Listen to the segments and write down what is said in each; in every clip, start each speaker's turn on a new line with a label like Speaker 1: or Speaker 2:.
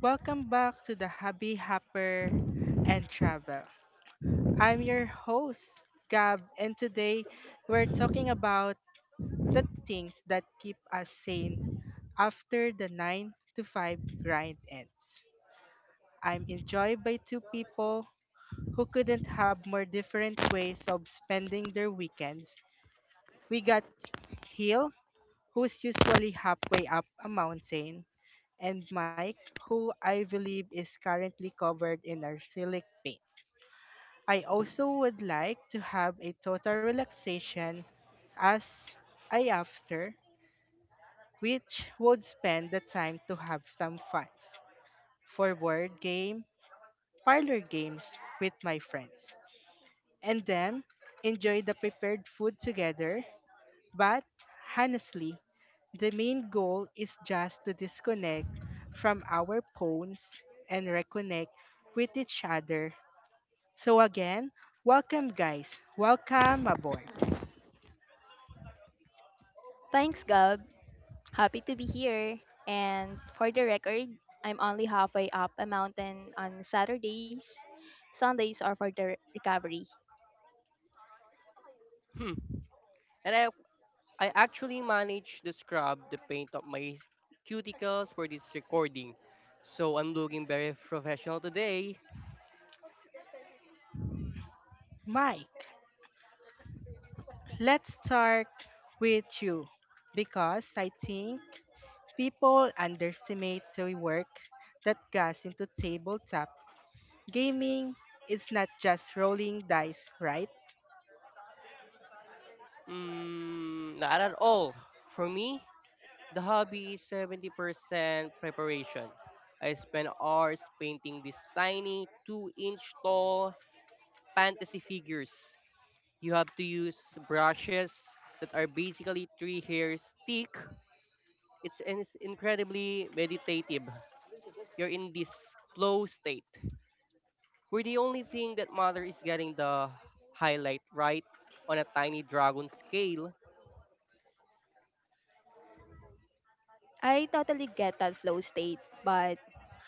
Speaker 1: Welcome back to the Hobby Hopper and Travel. I'm your host, Gab, and today we're talking about the things that keep us sane after the 9 to 5 grind ends. I'm enjoyed by two people who couldn't have more different ways of spending their weekends. We got Hill, who's usually halfway up a mountain, and Mike, who I believe is currently covered in arsenic paint. I also would like to have a total relaxation as I after, which would spend the time to have some funs for board game, parlor games with my friends, and then enjoy the prepared food together. But honestly, the main goal is just to disconnect from our phones and reconnect with each other. So again, welcome guys, welcome aboard.
Speaker 2: Thanks, Gab. Happy to be here. And for the record, I'm only halfway up a mountain on Saturdays. Sundays are for the recovery.
Speaker 3: Hmm. And I actually managed to scrub the paint of my cuticles for this recording. So I'm looking very professional today.
Speaker 1: Mike, let's start with you because I think people underestimate the work that goes into tabletop gaming. It's not just rolling dice, right?
Speaker 3: Not at all. For me, the hobby is 70% preparation. I spent hours painting these tiny 2-inch tall fantasy figures. You have to use brushes that are basically three hairs thick. It's incredibly meditative. You're in this flow state where the only thing that matters is getting the highlight right on a tiny dragon scale.
Speaker 2: I totally get that flow state, but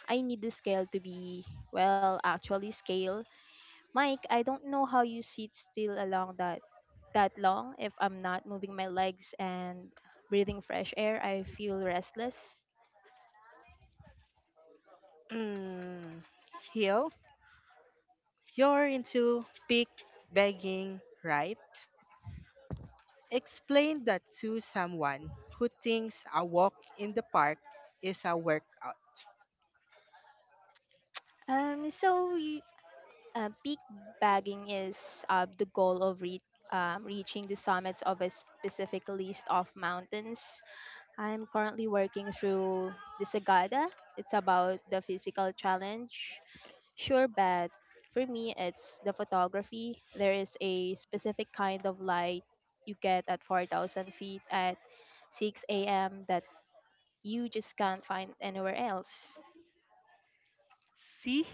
Speaker 2: I need the scale to be, well, actually scale. Mike, I don't know how you sit still along that long. If I'm not moving my legs and breathing fresh air, I feel restless.
Speaker 1: Mm, Hill, you're into pig begging, right? Explain that to someone who thinks a walk in the park is a workout.
Speaker 2: So peak bagging is the goal of reaching the summits of a specific list of mountains. I'm currently working through the Sagada. It's about the physical challenge. Sure, but for me, it's the photography. There is a specific kind of light you get at 4,000 feet at 6 a.m. that you just can't find anywhere else.
Speaker 3: See?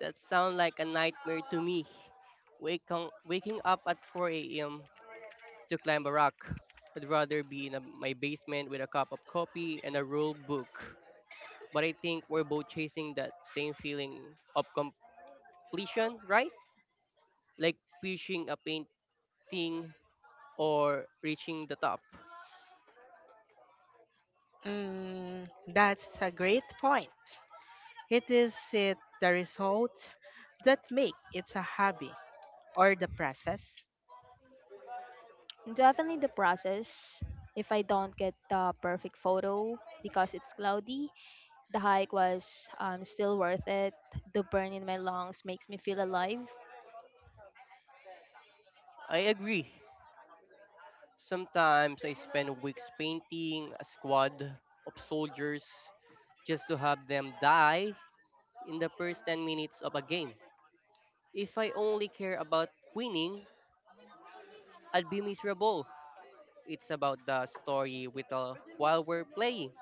Speaker 3: That sounds like a nightmare to me. Waking up at 4 a.m. to climb a rock. I'd rather be in my basement with a cup of coffee and a rule book. But I think we're both chasing that same feeling of completion, right? Like finishing a painting or reaching the top.
Speaker 1: That's a great point. It is it the result that make it a hobby or the process?
Speaker 2: Definitely the process. If I don't get the perfect photo because it's cloudy, the hike was still worth it. The burn in my lungs makes me feel alive.
Speaker 3: I agree. Sometimes I spend weeks painting a squad of soldiers just to have them die in the first 10 minutes of a game. If I only care about winning, I'd be miserable. It's about the story with while we're playing.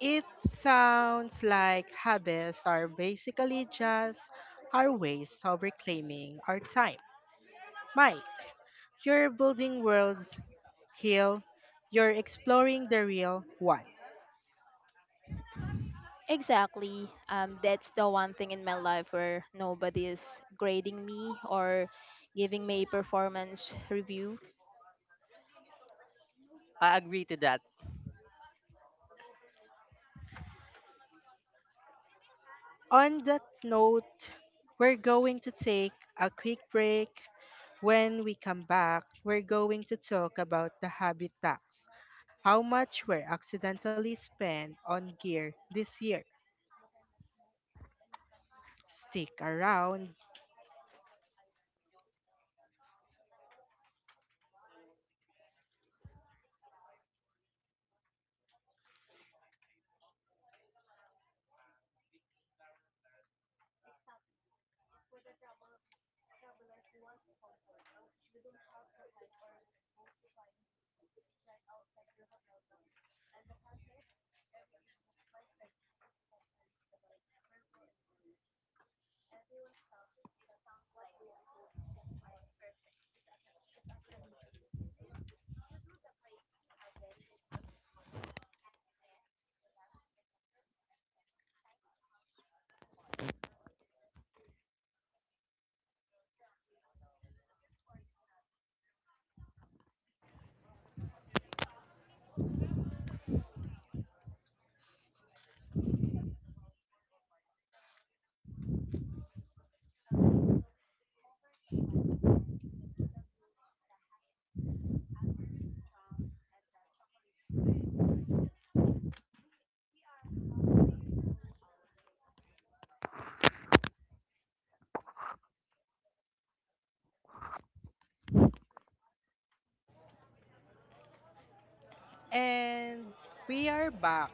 Speaker 1: It sounds like hobbies are basically just our ways of reclaiming our time. Mike, you're building worlds, Hill, you're exploring the real one.
Speaker 2: Exactly. That's the one thing in my life where nobody is grading me or giving me a performance review.
Speaker 3: I agree to that.
Speaker 1: On that note, we're going to take a quick break. When we come back, we're going to talk about the habit tax, how much we're accidentally spent on gear this year. Stick around. And we are back.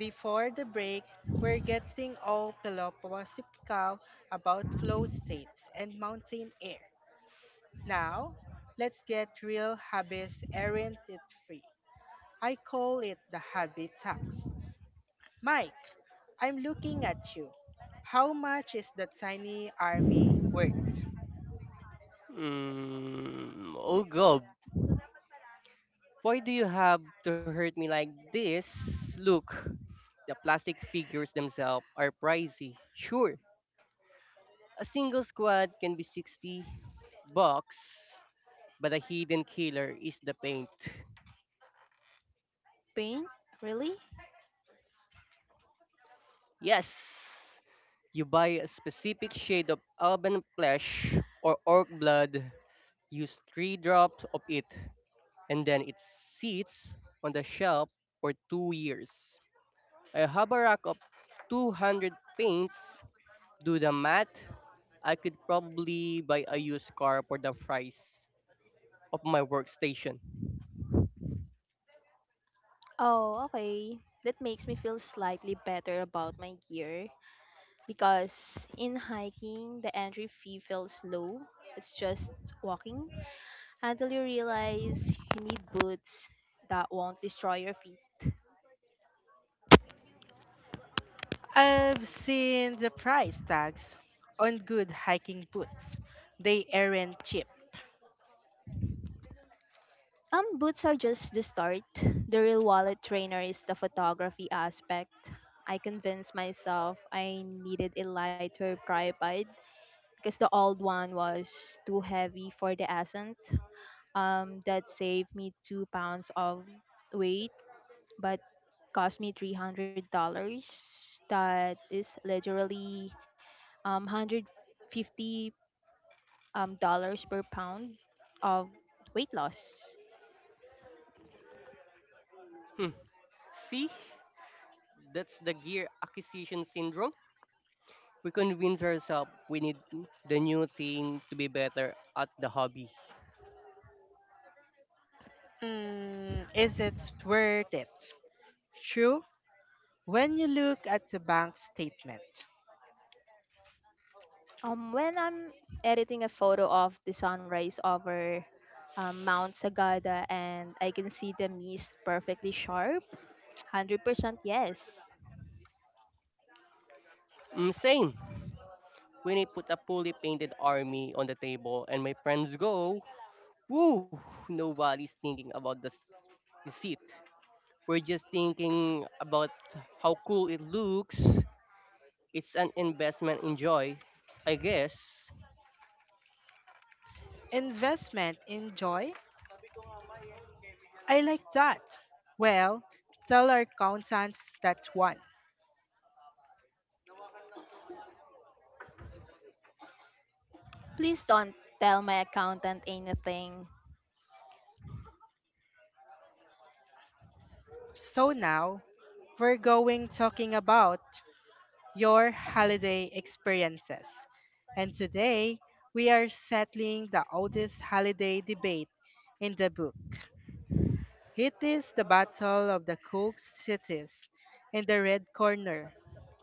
Speaker 1: Before the break, we're getting all philosophical about flow states and mountain air. Now, let's get real, habits aren't it free. I call it the habit tax. Mike, I'm looking at you. How much is the tiny army worth?
Speaker 3: Oh god, why do you have to hurt me like this? Look, the plastic figures themselves are pricey. Sure, a single squad can be 60 bucks, but a hidden killer is the paint.
Speaker 2: Pain? Really?
Speaker 3: Yes, you buy a specific shade of alban flesh or orc blood, use 3 drops of it, and then it sits on the shelf for 2 years. I have a rack of 200 paints. Do the math, I could probably buy a used car for the price of my workstation.
Speaker 2: Oh, okay. That makes me feel slightly better about my gear, because in hiking, the entry fee feels low. It's just walking until you realize you need boots that won't destroy your feet.
Speaker 1: I've seen the price tags on good hiking boots. They aren't cheap.
Speaker 2: Boots are just the start. The real wallet trainer is the photography aspect. I convinced myself I needed a lighter tripod because the old one was too heavy for the ascent. That saved me 2 pounds of weight but cost me $300. That is literally hundred fifty dollars per pound of weight loss.
Speaker 3: Hmm. See? That's the gear acquisition syndrome. We convince ourselves we need the new thing to be better at the hobby.
Speaker 1: Is it worth it? True, when you look at the bank statement.
Speaker 2: When I'm editing a photo of the sunrise over Mount Sagada and I can see the mist perfectly sharp, 100% yes.
Speaker 3: Mm, same. When I put a fully painted army on the table and my friends go, woo, nobody's thinking about the, the seat. We're just thinking about how cool it looks. It's an investment in joy, I guess.
Speaker 1: Investment in joy? I like that. Well, tell our accountants that one.
Speaker 2: Please don't tell my accountant anything.
Speaker 1: So now, we're going talking about your holiday experiences. And today, we are settling the oldest holiday debate in the book. It is the Battle of the Cook Cities. In the red corner,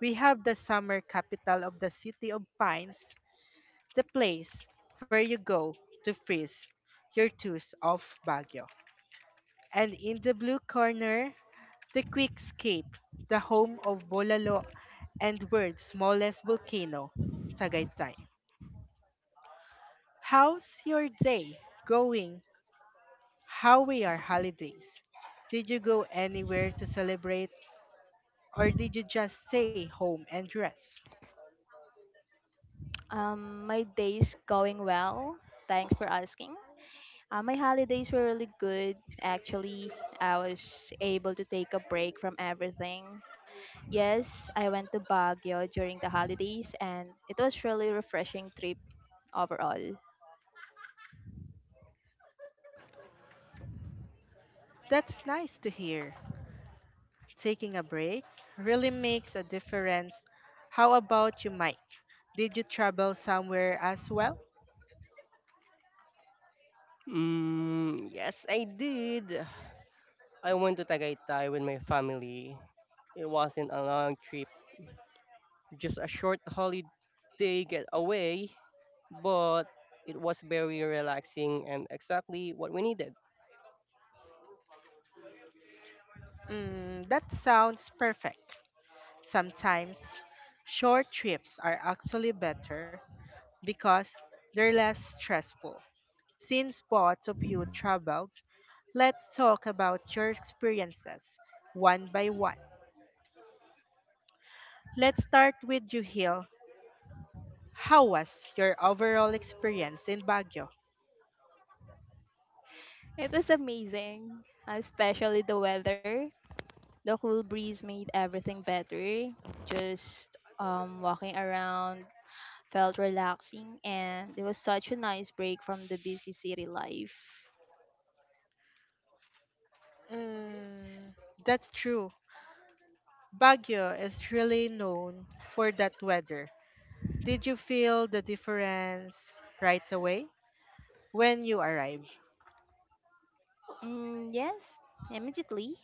Speaker 1: we have the summer capital of the City of Pines, the place where you go to freeze your tooth off, Baguio. And in the blue corner, the Quick Escape, the home of Bolalo and world's smallest volcano, Tagaytay. How's your day going? How were your holidays? Did you go anywhere to celebrate or did you just stay home and rest?
Speaker 2: My day's going well. Thanks for asking. My holidays were really good, actually. I was able to take a break from everything. Yes, I went to Baguio during the holidays, and it was really refreshing trip overall.
Speaker 1: That's nice to hear. Taking a break really makes a difference. How about you, Mike? Did you travel somewhere as well?
Speaker 3: Mm, yes, I did. I went to Tagaytay with my family. It wasn't a long trip, just a short holiday getaway, but it was very relaxing and exactly what we needed.
Speaker 1: That sounds perfect. Sometimes short trips are actually better because they're less stressful. Since both of you traveled, let's talk about your experiences one by one. Let's start with you, Hill. How was your overall experience in Baguio?
Speaker 2: It was amazing, especially the weather. The cool breeze made everything better. Just walking around felt relaxing, and it was such a nice break from the busy city life.
Speaker 1: Mm, that's true. Baguio is really known for that weather. Did you feel the difference right away when you arrived?
Speaker 2: Mm, yes, immediately.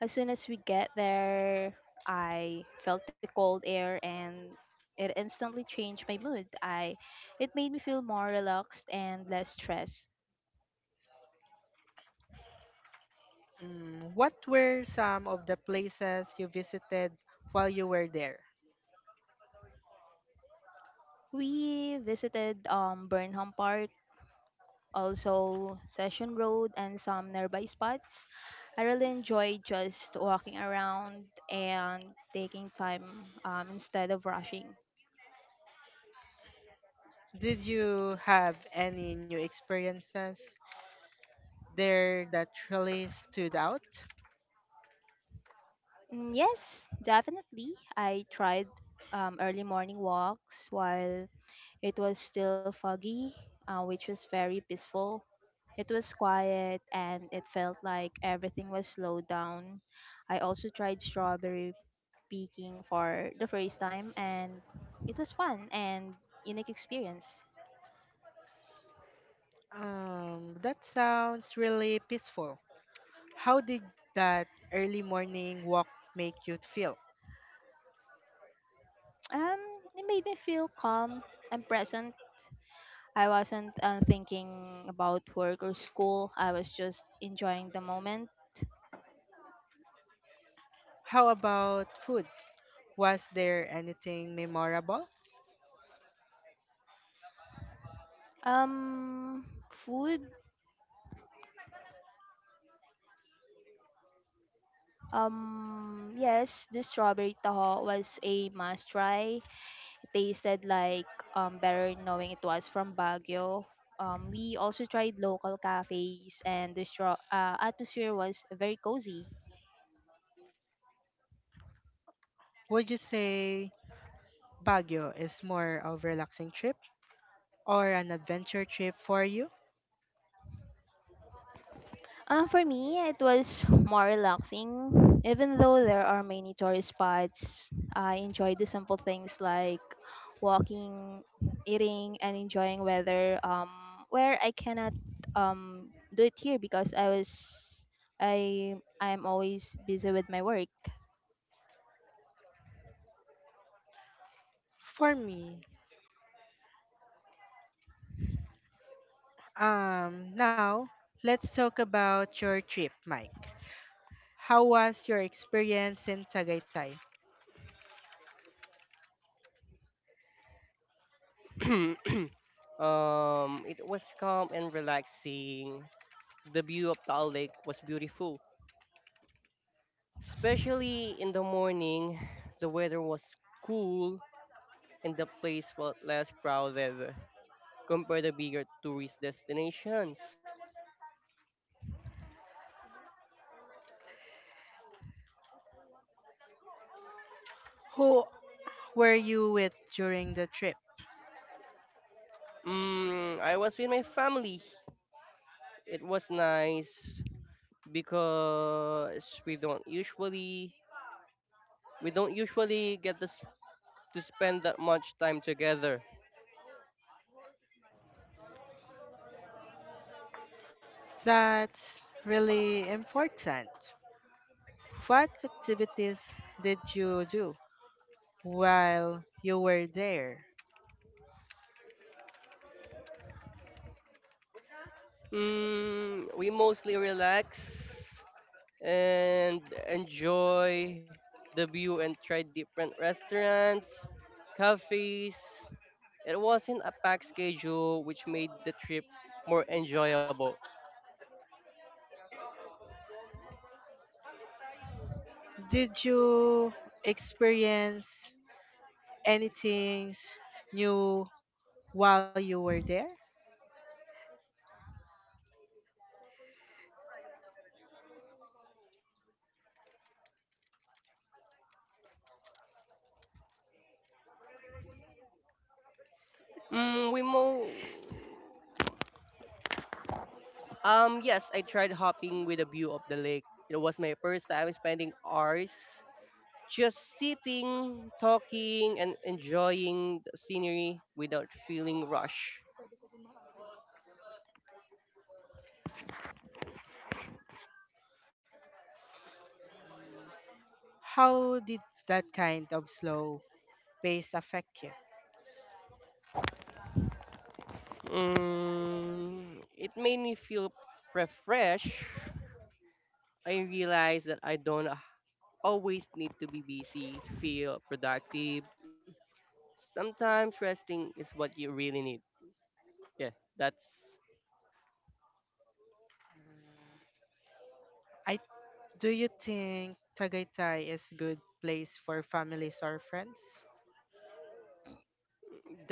Speaker 2: As soon as we get there, I felt the cold air and it instantly changed my mood. I it made me feel more relaxed and less stressed.
Speaker 1: What were some of the places you visited while you were there?
Speaker 2: We visited Burnham Park, also Session Road and some nearby spots. I really enjoyed just walking around and taking time instead of rushing.
Speaker 1: Did you have any new experiences there that really stood out?
Speaker 2: Mm, yes, definitely. I tried early morning walks while it was still foggy, which was very peaceful. It was quiet and it felt like everything was slowed down. I also tried strawberry picking for the first time and it was fun and unique experience.
Speaker 1: That sounds really peaceful. How did that early morning walk make you feel?
Speaker 2: Um, it made me feel calm and present. I wasn't thinking about work or school. I was just enjoying the moment.
Speaker 1: How about food? Was there anything memorable?
Speaker 2: Um, food. Yes, the strawberry taho was a must try. It tasted like better knowing it was from Baguio. We also tried local cafes, and the straw atmosphere was very cozy.
Speaker 1: Would you say Baguio is more of a relaxing trip or an adventure trip for you?
Speaker 2: For me, it was more relaxing. Even though there are many tourist spots, I enjoyed the simple things like walking, eating, and enjoying weather. Where I cannot do it here because I was I I'm always busy with my work.
Speaker 1: For me, now, let's talk about your trip, Mike. How was your experience in Tagaytay?
Speaker 3: um, it was calm and relaxing. The view of Taal Lake was beautiful, especially in the morning. The weather was cool and the place felt less crowded compared to bigger tourist destinations.
Speaker 1: Who were you with during the trip?
Speaker 3: Mm, I was with my family. It was nice because we don't usually get to spend that much time together.
Speaker 1: That's really important. What activities did you do while you were there?
Speaker 3: We mostly relax and enjoy the view and try different restaurants, cafes. It wasn't a packed schedule, which made the trip more enjoyable.
Speaker 1: Did you experience anything new while you were there?
Speaker 3: Mm, we mo yes, I tried hopping with a view of the lake. It was my first time spending hours just sitting, talking, and enjoying the scenery without feeling rushed.
Speaker 1: How did that kind of slow pace affect you?
Speaker 3: It made me feel refreshed. I realized that I don't always need to be busy to feel productive. Sometimes resting is what you really need. Yeah, that's
Speaker 1: I do you think Tagaytay is a good place for families or friends?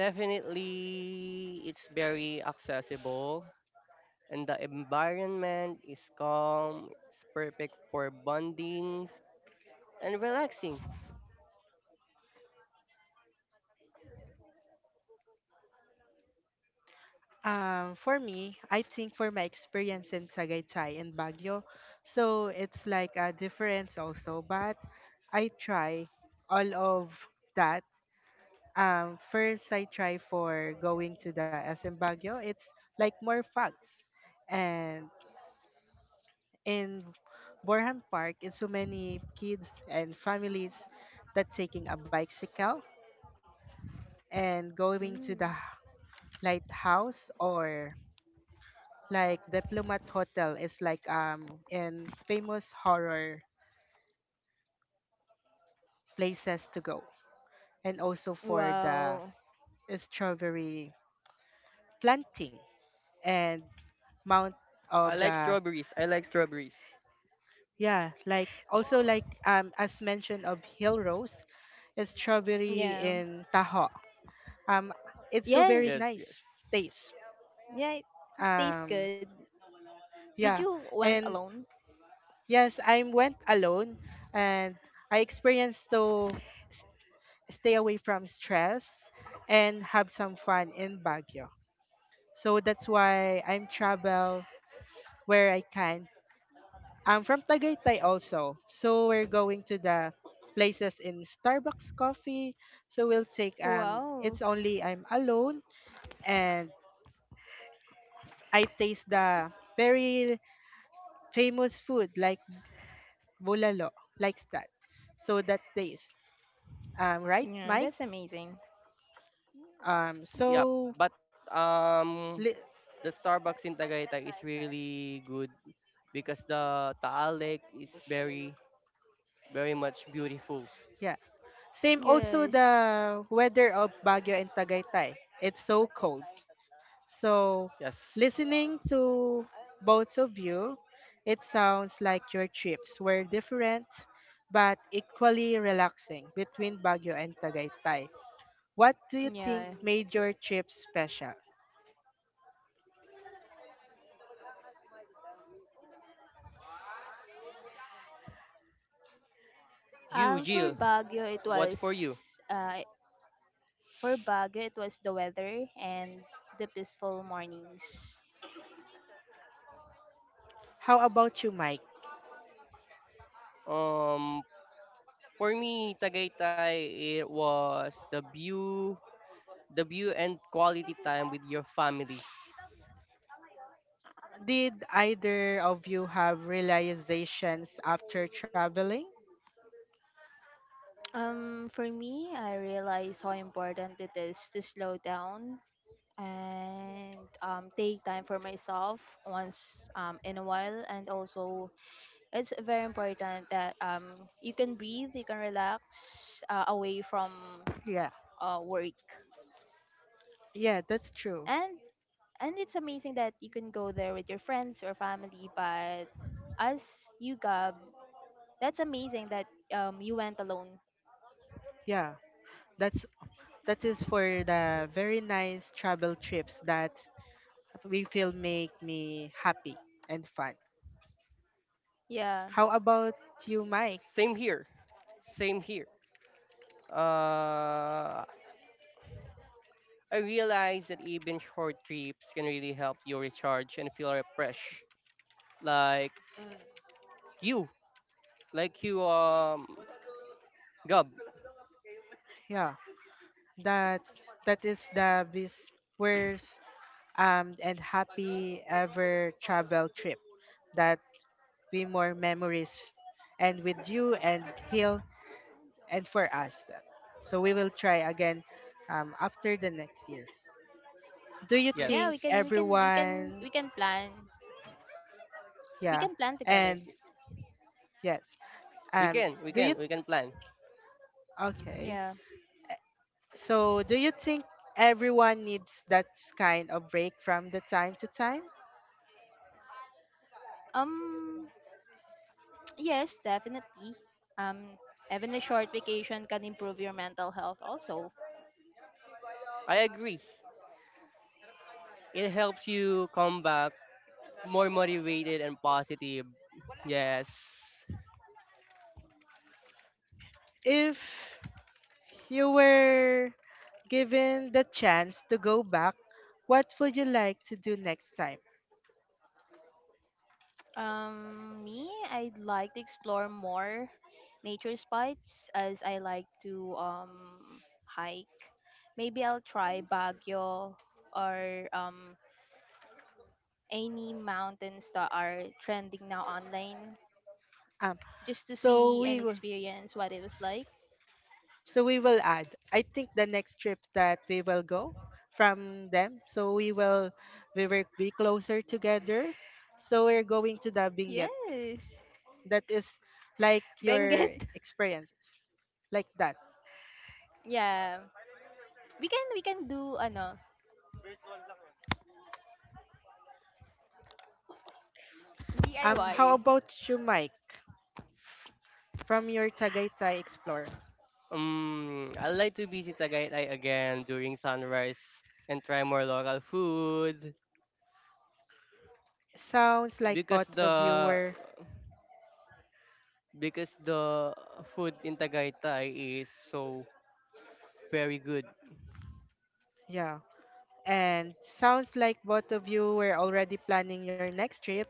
Speaker 3: definitely it's very accessible and the environment is calm. It's perfect for bondings and relaxing.
Speaker 1: For me, I think for my experience in Tagaytay and Baguio, so it's like a difference also, but I try all of that. First, I try for going to the SM Baguio. It's like more facts. And in Borham Park, it's so many kids and families that taking a bicycle and going to
Speaker 2: Mm.
Speaker 1: the lighthouse or like diplomat hotel is like in famous horror places to go and also for the
Speaker 2: Wow.
Speaker 1: strawberry planting and mount of the
Speaker 3: I like strawberries.
Speaker 1: yeah like also like as mentioned of hill rose is strawberry
Speaker 2: Yeah.
Speaker 1: in taho um it's so very
Speaker 2: Yes,
Speaker 3: Yes,
Speaker 1: nice
Speaker 3: yes.
Speaker 1: taste
Speaker 2: yeah, it tastes
Speaker 1: um
Speaker 2: good. Did
Speaker 1: yeah
Speaker 2: you went
Speaker 1: and
Speaker 2: alone?
Speaker 1: yes, I went alone and I experienced to s- stay away from stress and have some fun in Baguio. So that's why I'm travel where I can. I'm from Tagaytay also. So we're going to the places in Starbucks coffee. So we'll take it's
Speaker 2: Wow.
Speaker 1: only I'm alone and I taste the very famous food like bulalo, like that. So that taste. Right,
Speaker 2: Yeah,
Speaker 1: Mike?
Speaker 2: that's amazing.
Speaker 1: Um,
Speaker 3: Yep.
Speaker 1: so
Speaker 3: But
Speaker 1: li-
Speaker 3: um the Starbucks in Tagaytay is really good because the Taal Lake is very much beautiful.
Speaker 1: yeah, same also
Speaker 2: Yes.
Speaker 1: the weather of Baguio and Tagaytay. It's so cold. So
Speaker 3: Yes.
Speaker 1: listening to both of you, it sounds like your trips were different but equally relaxing between Baguio and Tagaytay. What do you think
Speaker 2: Yeah.
Speaker 1: made your trip special?
Speaker 3: You,
Speaker 2: Um, for
Speaker 3: Jill,
Speaker 2: Baguio, it
Speaker 3: what
Speaker 2: was
Speaker 3: for you?
Speaker 2: uh, for Baguio, it was the weather and the peaceful mornings.
Speaker 1: How about you, Mike?
Speaker 3: Um for me Tagaytay, it was the view and quality time with your family.
Speaker 1: Did either of you have realizations after traveling?
Speaker 2: For me, I realized how important it is to slow down and take time for myself once in a while. And also, it's very important that you can breathe, you can relax away from
Speaker 1: Yeah,
Speaker 2: work.
Speaker 1: yeah, that's true.
Speaker 2: And and it's amazing that you can go there with your friends or family, but as you, Gab, that's amazing that you went alone.
Speaker 1: Yeah, that's that is for the very nice travel trips that we feel make me happy and fun.
Speaker 2: Yeah,
Speaker 1: How about you, Mike?
Speaker 3: Same here. Same here. Uh, I realized that even short trips can really help you recharge and feel refreshed. Like you, like you, um, Gub.
Speaker 1: Yeah, that that is the best, worst, and happy ever travel trip that we more memories and with you and Hill and for us. So we will try again after the next year. Do you
Speaker 2: yeah
Speaker 1: think
Speaker 2: we can we
Speaker 3: Yes,
Speaker 2: can we can
Speaker 1: everyone?
Speaker 2: we can plan
Speaker 1: Yeah, and
Speaker 2: together.
Speaker 1: yes. Um, do you
Speaker 3: we can plan.
Speaker 1: okay?
Speaker 2: Yeah.
Speaker 1: So, do you think everyone needs that kind of break from the time to time?
Speaker 2: um yes, definitely. Um having a short vacation can improve your mental health also.
Speaker 3: I agree. It helps you come back more motivated and positive. Yes.
Speaker 1: If you were given the chance to go back, what would you like to do next time?
Speaker 2: Me, I'd like to explore more nature spots as I like to hike. Maybe I'll try Baguio or any mountains that are trending now online
Speaker 1: Um,
Speaker 2: just to
Speaker 1: so
Speaker 2: see and
Speaker 1: we will,
Speaker 2: experience what it was like.
Speaker 1: so we will add. I think the next trip that we will go from them, so we will be closer together. So we're going to the Benguet
Speaker 2: Yes.
Speaker 1: that is like your
Speaker 2: Benguet.
Speaker 1: experiences like that.
Speaker 2: Yeah, we can do ano
Speaker 1: How
Speaker 2: DIY.
Speaker 1: about you, Mike, from your Tagaytay Explore?
Speaker 3: I'd like to visit Tagaytay again during sunrise and try more local food.
Speaker 1: Sounds like
Speaker 3: Because
Speaker 1: both of you
Speaker 3: the
Speaker 1: were,
Speaker 3: because the food in Tagaytay is so very good.
Speaker 1: yeah, and sounds like both of you were already planning your next trip.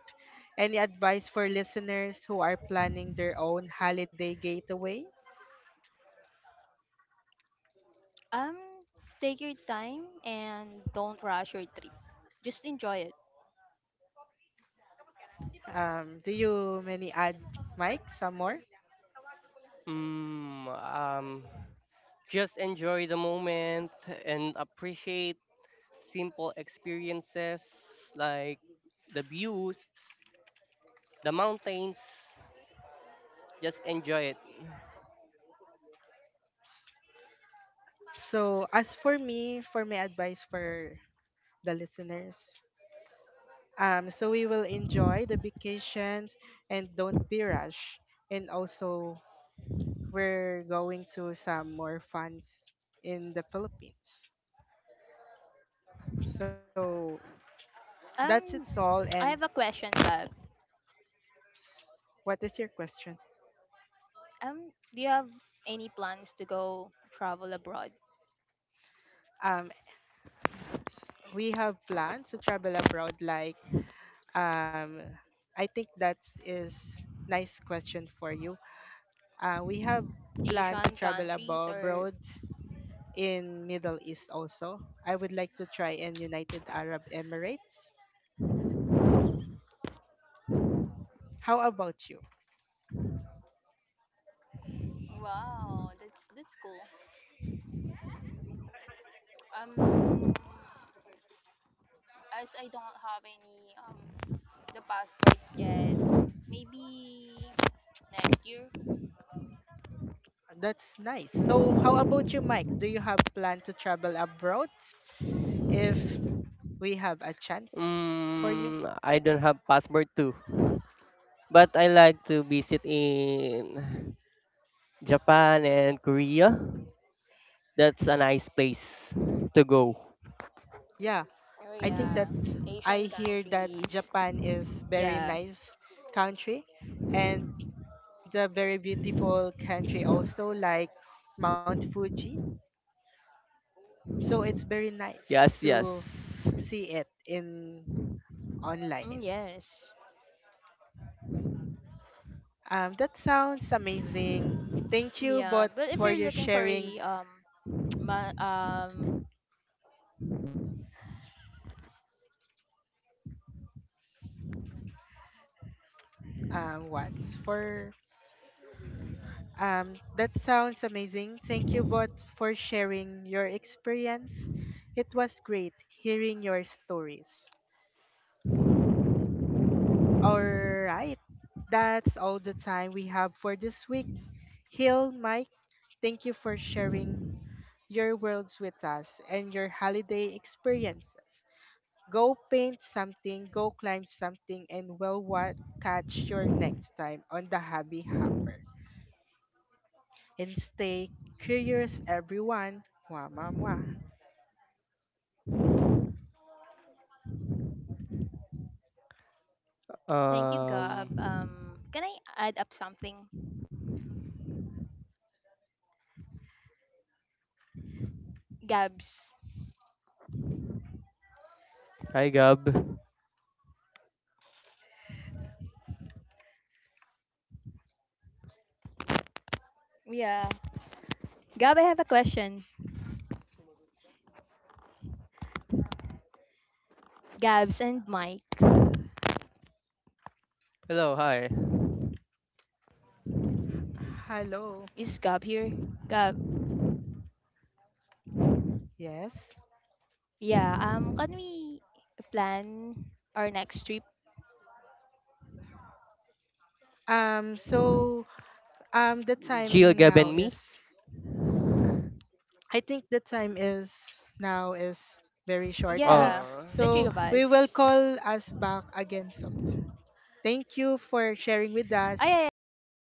Speaker 1: Any advice for listeners who are planning their own holiday getaway?
Speaker 2: um take your time and don't rush your trip. Just enjoy it.
Speaker 1: Do you many add, Mike, some more?
Speaker 3: Mm, um, just enjoy the moment and appreciate simple experiences like the views, the mountains. Just enjoy it.
Speaker 1: So as for me, for my advice for the listeners, so we will enjoy the vacations and don't be rushed. And also, we're going to some more funs in the Philippines. So that's it's all.
Speaker 2: Um,
Speaker 1: And
Speaker 2: I have a question, Gab.
Speaker 1: s- what is your question?
Speaker 2: Do you have any plans to go travel abroad,
Speaker 1: Um, we have plans to travel abroad. Like, um, I think that is nice question for you. We have plan to
Speaker 2: Asian
Speaker 1: travel
Speaker 2: countries, or?
Speaker 1: abroad in Middle East also. I would like to try in United Arab Emirates. How about you?
Speaker 2: Wow, that's cool. Um, as I don't have any the passport yet, maybe next year.
Speaker 1: That's nice. So how about you, Mike? Do you have plan to travel abroad if we have a chance for you?
Speaker 3: I don't have passport too, but I like to visit in Japan and Korea. That's a nice place to go.
Speaker 1: Yeah,
Speaker 2: Oh
Speaker 1: I think that
Speaker 2: yeah,
Speaker 1: I
Speaker 2: Asian
Speaker 1: hear that
Speaker 2: countries.
Speaker 1: Japan is very
Speaker 2: Yeah.
Speaker 1: nice country and the very beautiful country also like Mount Fuji. So it's very nice
Speaker 3: Yes,
Speaker 1: to
Speaker 3: yes.
Speaker 1: see it in online.
Speaker 2: Mm, yes.
Speaker 1: That sounds amazing. Thank you,
Speaker 2: Yeah,
Speaker 1: but
Speaker 2: but if
Speaker 1: for
Speaker 2: you're
Speaker 1: your
Speaker 2: looking for
Speaker 1: sharing.
Speaker 2: a ma- um,
Speaker 1: What for? That sounds amazing. Thank you, but for sharing your experience. It was great hearing your stories. All right, that's all the time we have for this week. Hill, Mike, thank you for sharing your worlds with us and your holiday experiences. Go paint something, go climb something, and well, what catch your next time on the Hobby Hopper. And stay curious, everyone. Mwah, mwah, mwah.
Speaker 2: thank you,
Speaker 3: Um,
Speaker 2: Gab. Can I add up something? Gabs.
Speaker 3: hi Gab.
Speaker 2: Yeah. Gab, I have a question. Gabs and Mike.
Speaker 3: Hello, hi.
Speaker 1: Hello.
Speaker 2: Is Gab here? Gab.
Speaker 1: Yes.
Speaker 2: Yeah, can we plan our next trip?
Speaker 1: So the
Speaker 3: Jill,
Speaker 1: time
Speaker 3: Gab,
Speaker 1: now
Speaker 3: and me.
Speaker 1: is. I think the time is now is very shortly.
Speaker 2: Yeah,
Speaker 3: Uh,
Speaker 2: the three
Speaker 1: So
Speaker 2: of
Speaker 1: we will
Speaker 2: us.
Speaker 1: call us back again soon. Thank you for sharing with
Speaker 2: Ah,
Speaker 1: us.
Speaker 2: yeah, yeah,
Speaker 1: Bye.